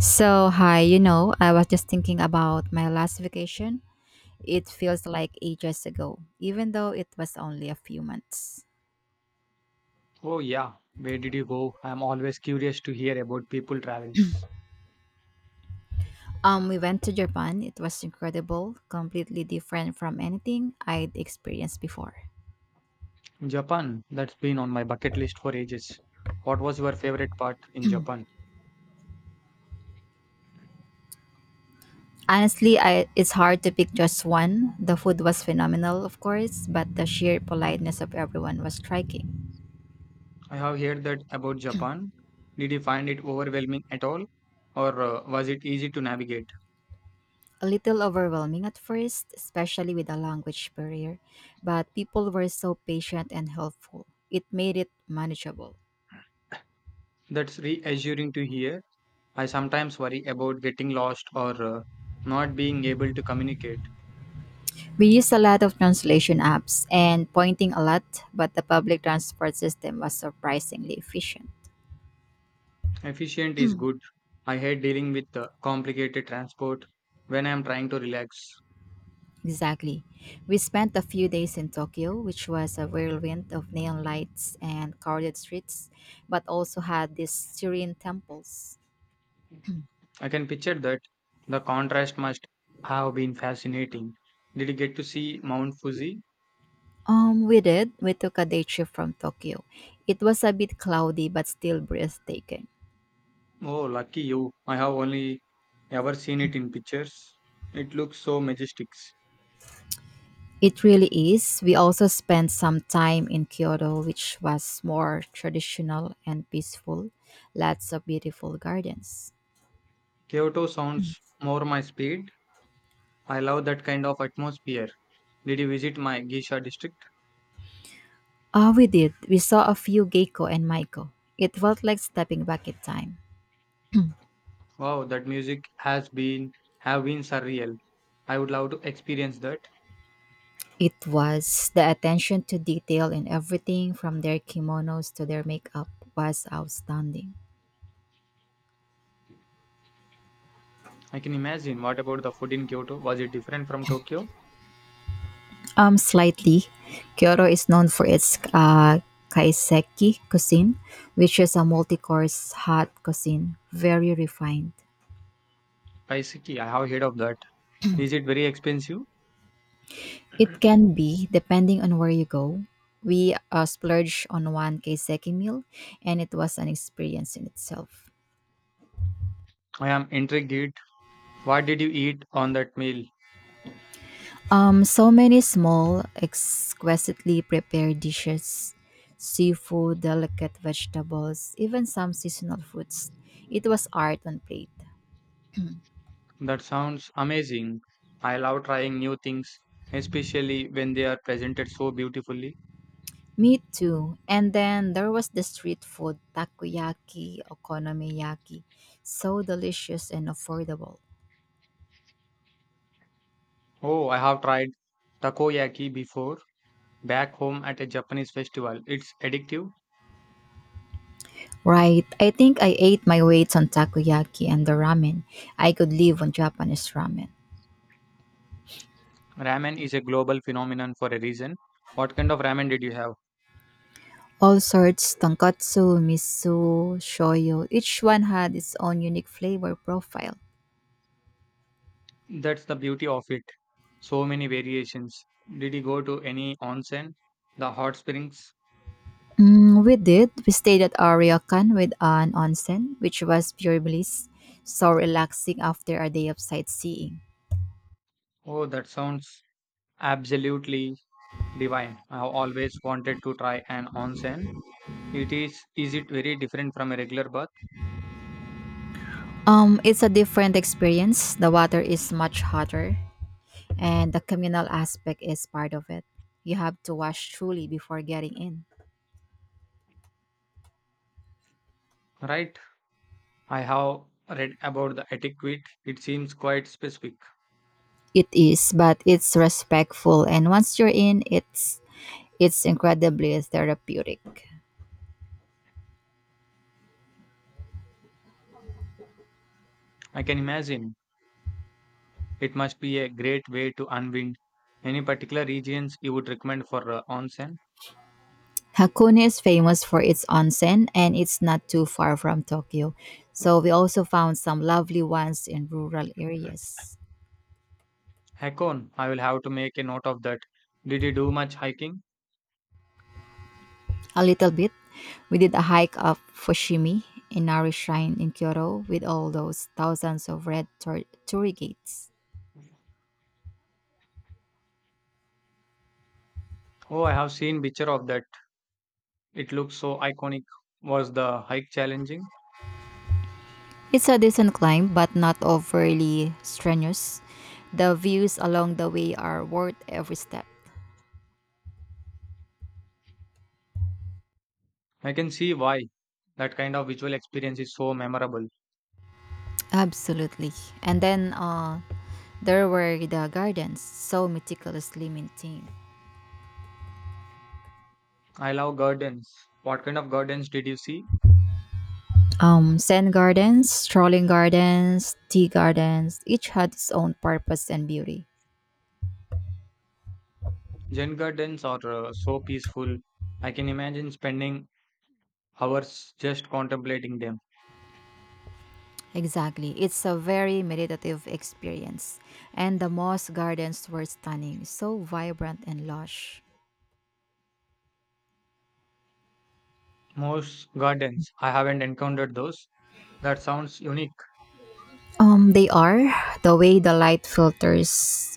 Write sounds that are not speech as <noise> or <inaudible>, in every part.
So, hi, you know, I was just thinking about my last vacation. It feels like ages ago, even though it was only a few months. Oh, yeah. Where did you go? I'm always curious to hear about people travels. We went to Japan. It was incredible, completely different from anything I'd experienced before. Japan, that's been on my bucket list for ages. What was your favorite part in Japan? Honestly, it's hard to pick just one. The food was phenomenal, of course, but the sheer politeness of everyone was striking. I have heard that about Japan. Did you find it overwhelming at all? Or was it easy to navigate? A little overwhelming at first, especially with a language barrier, but people were so patient and helpful. It made it manageable. That's reassuring to hear. I sometimes worry about getting lost or not being able to communicate. We used a lot of translation apps and pointing a lot, but the public transport system was surprisingly efficient. <clears throat> Efficient is good. I hate dealing with complicated transport when I am trying to relax. Exactly. We spent a few days in Tokyo, which was a whirlwind of neon lights and crowded streets, but also had these serene temples. I can picture that. The contrast must have been fascinating. Did you get to see Mount Fuji? We did. We took a day trip from Tokyo. It was a bit cloudy, but still breathtaking. Oh, lucky you. I have only ever seen it in pictures. It looks so majestic. It really is. We also spent some time in Kyoto, which was more traditional and peaceful. Lots of beautiful gardens. Kyoto sounds more my speed. I love that kind of atmosphere. Did you visit my Geisha district? Ah, we did. We saw a few Geico and Maiko. It felt like stepping back in time. Wow, that music has been have been surreal. I would love to experience that. It was the attention to detail in everything from their kimonos to their makeup was outstanding. I can imagine. What about the food in Kyoto? Was it different from Tokyo? Slightly. Kyoto is known for its kaiseki cuisine, which is a multi-course hot cuisine, very refined. Kaiseki, I have heard of that. Is it very expensive? It can be, depending on where you go. We splurged on one kaiseki meal, and it was an experience in itself. I am intrigued. What did you eat on that meal? So many small, exquisitely prepared dishes, seafood, delicate vegetables, even some seasonal fruits. It was art on plate. That sounds amazing. I love trying new things, especially when they are presented so beautifully. Me too. And then there was the street food takoyaki, okonomiyaki. So delicious and affordable. Oh, I have tried takoyaki before back home at a Japanese festival. It's addictive. Right. I think I ate my weights on takoyaki and the ramen. I could live on Japanese ramen. Ramen is a global phenomenon for a reason. What kind of ramen did you have? All sorts tonkatsu, miso, shoyu. Each one had its own unique flavor profile. That's the beauty of it. So many variations. Did you go to any onsen? The hot springs? Mm, we did. We stayed at a ryokan with an onsen, which was pure bliss. So relaxing after a day of sightseeing. Oh, that sounds absolutely divine. I have always wanted to try an onsen. It is it very different from a regular bath? It's a different experience. The water is much hotter, and the communal aspect is part of it. You have to wash truly before getting in. Right. I have read about the etiquette. It seems quite specific. It is, but it's respectful, and once you're in, it's incredibly therapeutic. I can imagine. It must be a great way to unwind. Any particular regions you would recommend for onsen? Hakone is famous for its onsen, and it's not too far from Tokyo, so we also found some lovely ones in rural areas. Hakone. I will have to make a note of that. Did you do much hiking? A little bit. We did a hike up Fushimi, a Nari shrine in Kyoto, with all those thousands of red torii gates. Oh, I have seen picture of that. It looks so iconic. Was the hike challenging? It's a decent climb, but not overly strenuous. The views along the way are worth every step. I can see why that kind of visual experience is so memorable. Absolutely. And then there were the gardens, so meticulously maintained. I love gardens. What kind of gardens did you see? Zen gardens, strolling gardens, tea gardens, each had its own purpose and beauty. Zen gardens are so peaceful. I can imagine spending hours just contemplating them. Exactly. It's a very meditative experience. And the moss gardens were stunning, so vibrant and lush. Most gardens, I haven't encountered those. That sounds unique. They are. The way the light filters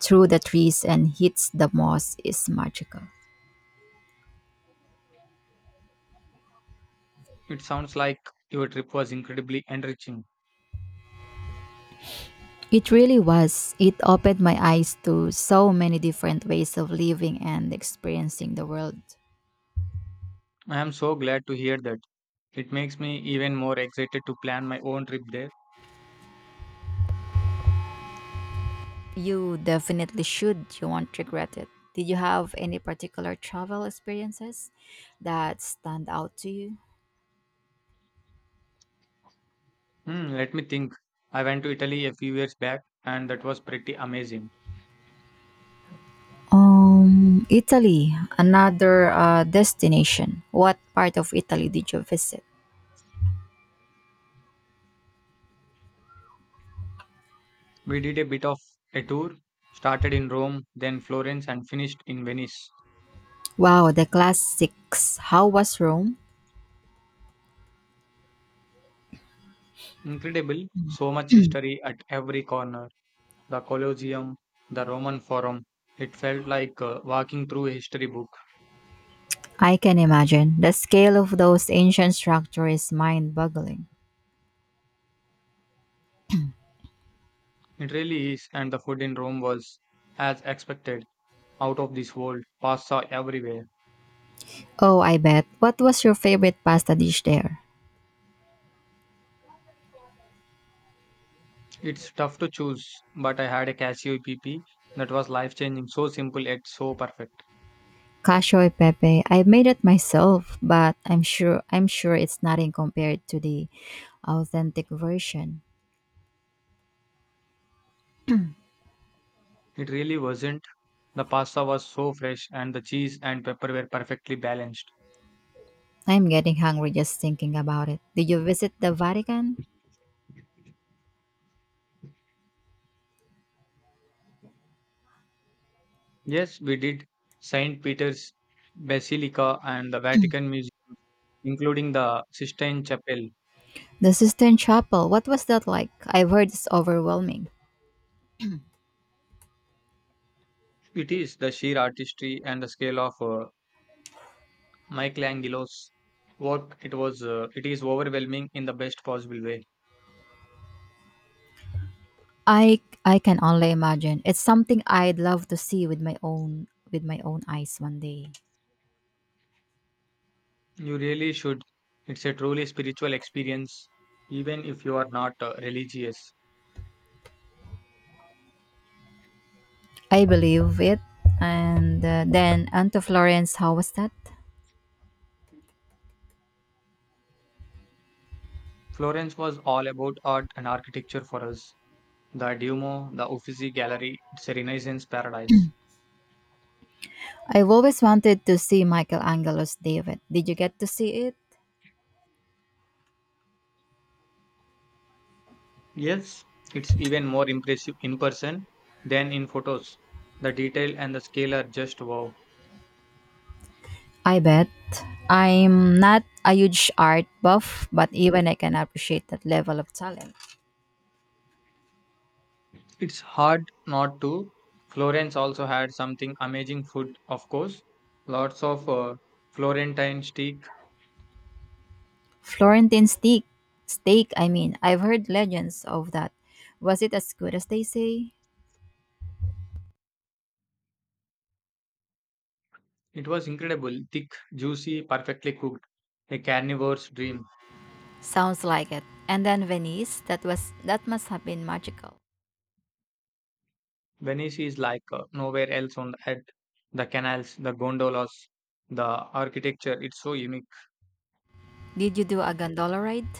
through the trees and hits the moss is magical. It sounds like your trip was incredibly enriching. It really was. It opened my eyes to so many different ways of living and experiencing the world. I am so glad to hear that. It makes me even more excited to plan my own trip there. You definitely should. You won't regret it. Did you have any particular travel experiences that stand out to you? Hmm, let me think. I went to Italy a few years back and that was pretty amazing. Italy, another destination. What part of Italy did you visit? We did a bit of a tour, started in Rome, then Florence, and finished in Venice. Wow, the classics. How was Rome? Incredible, so much history at every corner, the Colosseum, the Roman Forum. It felt like walking through a history book. I can imagine. The scale of those ancient structures is mind boggling. It really is, and the food in Rome was, as expected, out of this world, pasta everywhere. Oh, I bet. What was your favorite pasta dish there? It's tough to choose, but I had a Casio PP that was life changing, so simple yet so perfect. Cacio e pepe. I made it myself, but I'm sure it's nothing compared to the authentic version. It really wasn't. The pasta was so fresh, and the cheese and pepper were perfectly balanced. I'm getting hungry just thinking about it. Did you visit the Vatican? Yes, we did. St. Peter's Basilica and the Vatican Museum, including the Sistine Chapel. The Sistine Chapel, what was that like? I've heard it's overwhelming. It is the sheer artistry and the scale of Michelangelo's work. It was it is overwhelming in the best possible way. I can only imagine. It's something I'd love to see with my own eyes one day. You really should. It's a truly spiritual experience, even if you are not religious. I believe it. And then on to Florence, how was that? Florence was all about art and architecture for us. The Duomo, the Uffizi Gallery, it's a Renaissance paradise. I've always wanted to see Michelangelo's David. Did you get to see it? Yes, it's even more impressive in person than in photos. The detail and the scale are just wow. I bet. I'm not a huge art buff, but even I can appreciate that level of talent. It's hard not to. Florence also had something amazing, food, of course. Lots of Florentine steak. Florentine steak. Steak, I mean. I've heard legends of that. Was it as good as they say? It was incredible, thick, juicy, perfectly cooked. A carnivore's dream. Sounds like it. And then Venice, that must have been magical. Venice is like nowhere else on the earth. The canals, the gondolas, the architecture, it's so unique. Did you do a gondola ride?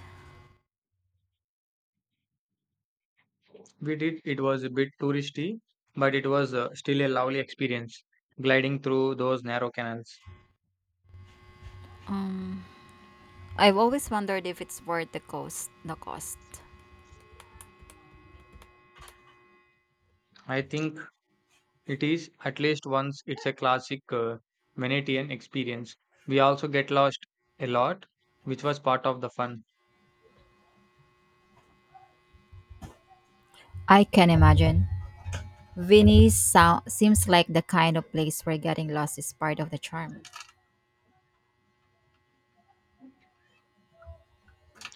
We did. It was a bit touristy, but it was still a lovely experience gliding through those narrow canals. Um, I've always wondered if it's worth the cost. I think it is, at least once, it's a classic Venetian experience. We also get lost a lot, which was part of the fun. I can imagine. Seems like the kind of place where getting lost is part of the charm.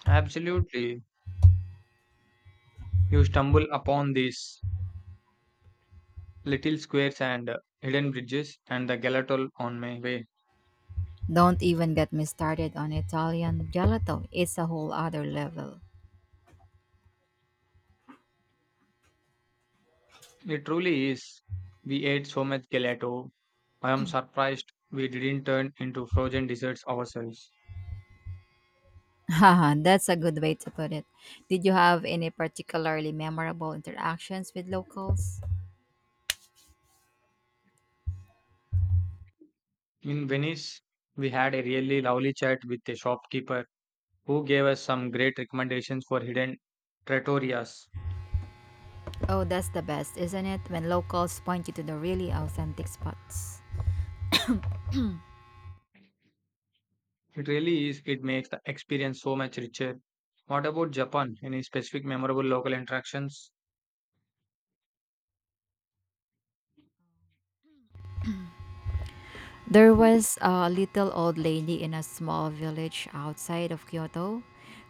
Absolutely. You stumble upon these little squares and hidden bridges and the gelato on my way. Don't even get me started on Italian gelato. It's a whole other level. It truly is. We ate so much gelato. I am surprised we didn't turn into frozen desserts ourselves. Haha, that's a good way to put it. Did you have any particularly memorable interactions with locals? In Venice, we had a really lovely chat with a shopkeeper who gave us some great recommendations for hidden trattorias. Oh, that's the best, isn't it? When locals point you to the really authentic spots. It really is, it makes the experience so much richer. What about Japan? Any specific memorable local interactions? There was a little old lady in a small village outside of Kyoto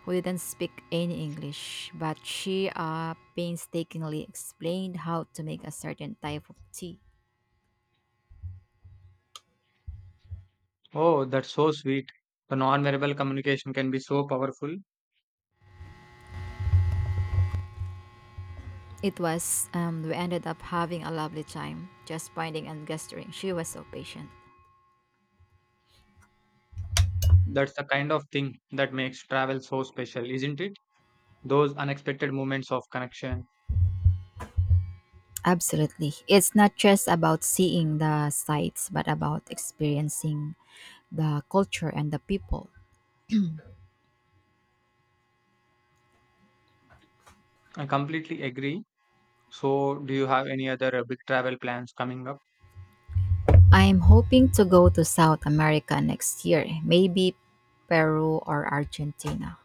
who didn't speak any English, but she painstakingly explained how to make a certain type of tea. Oh, that's so sweet. The non-verbal communication can be so powerful. It was, we ended up having a lovely time, just pointing and gesturing. She was so patient. That's the kind of thing that makes travel so special, isn't it? Those unexpected moments of connection. Absolutely. It's not just about seeing the sights, but about experiencing the culture and the people. I completely agree. So, do you have any other big travel plans coming up? I'm hoping to go to South America next year, maybe Peru or Argentina.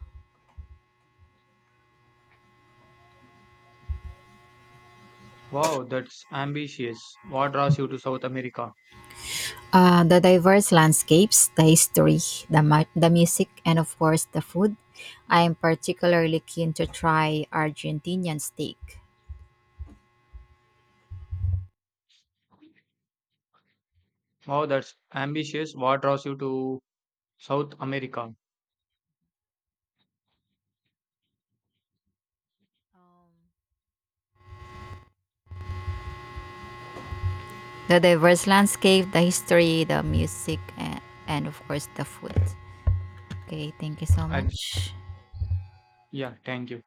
Wow, that's ambitious. What draws you to South America? The diverse landscapes, the history, the music, and of course the food. I am particularly keen to try Argentinian steak. Wow, that's ambitious. What draws you to South America? The diverse landscape, the history, the music, and of course the food. Okay, thank you so I, much. yeah, thank you.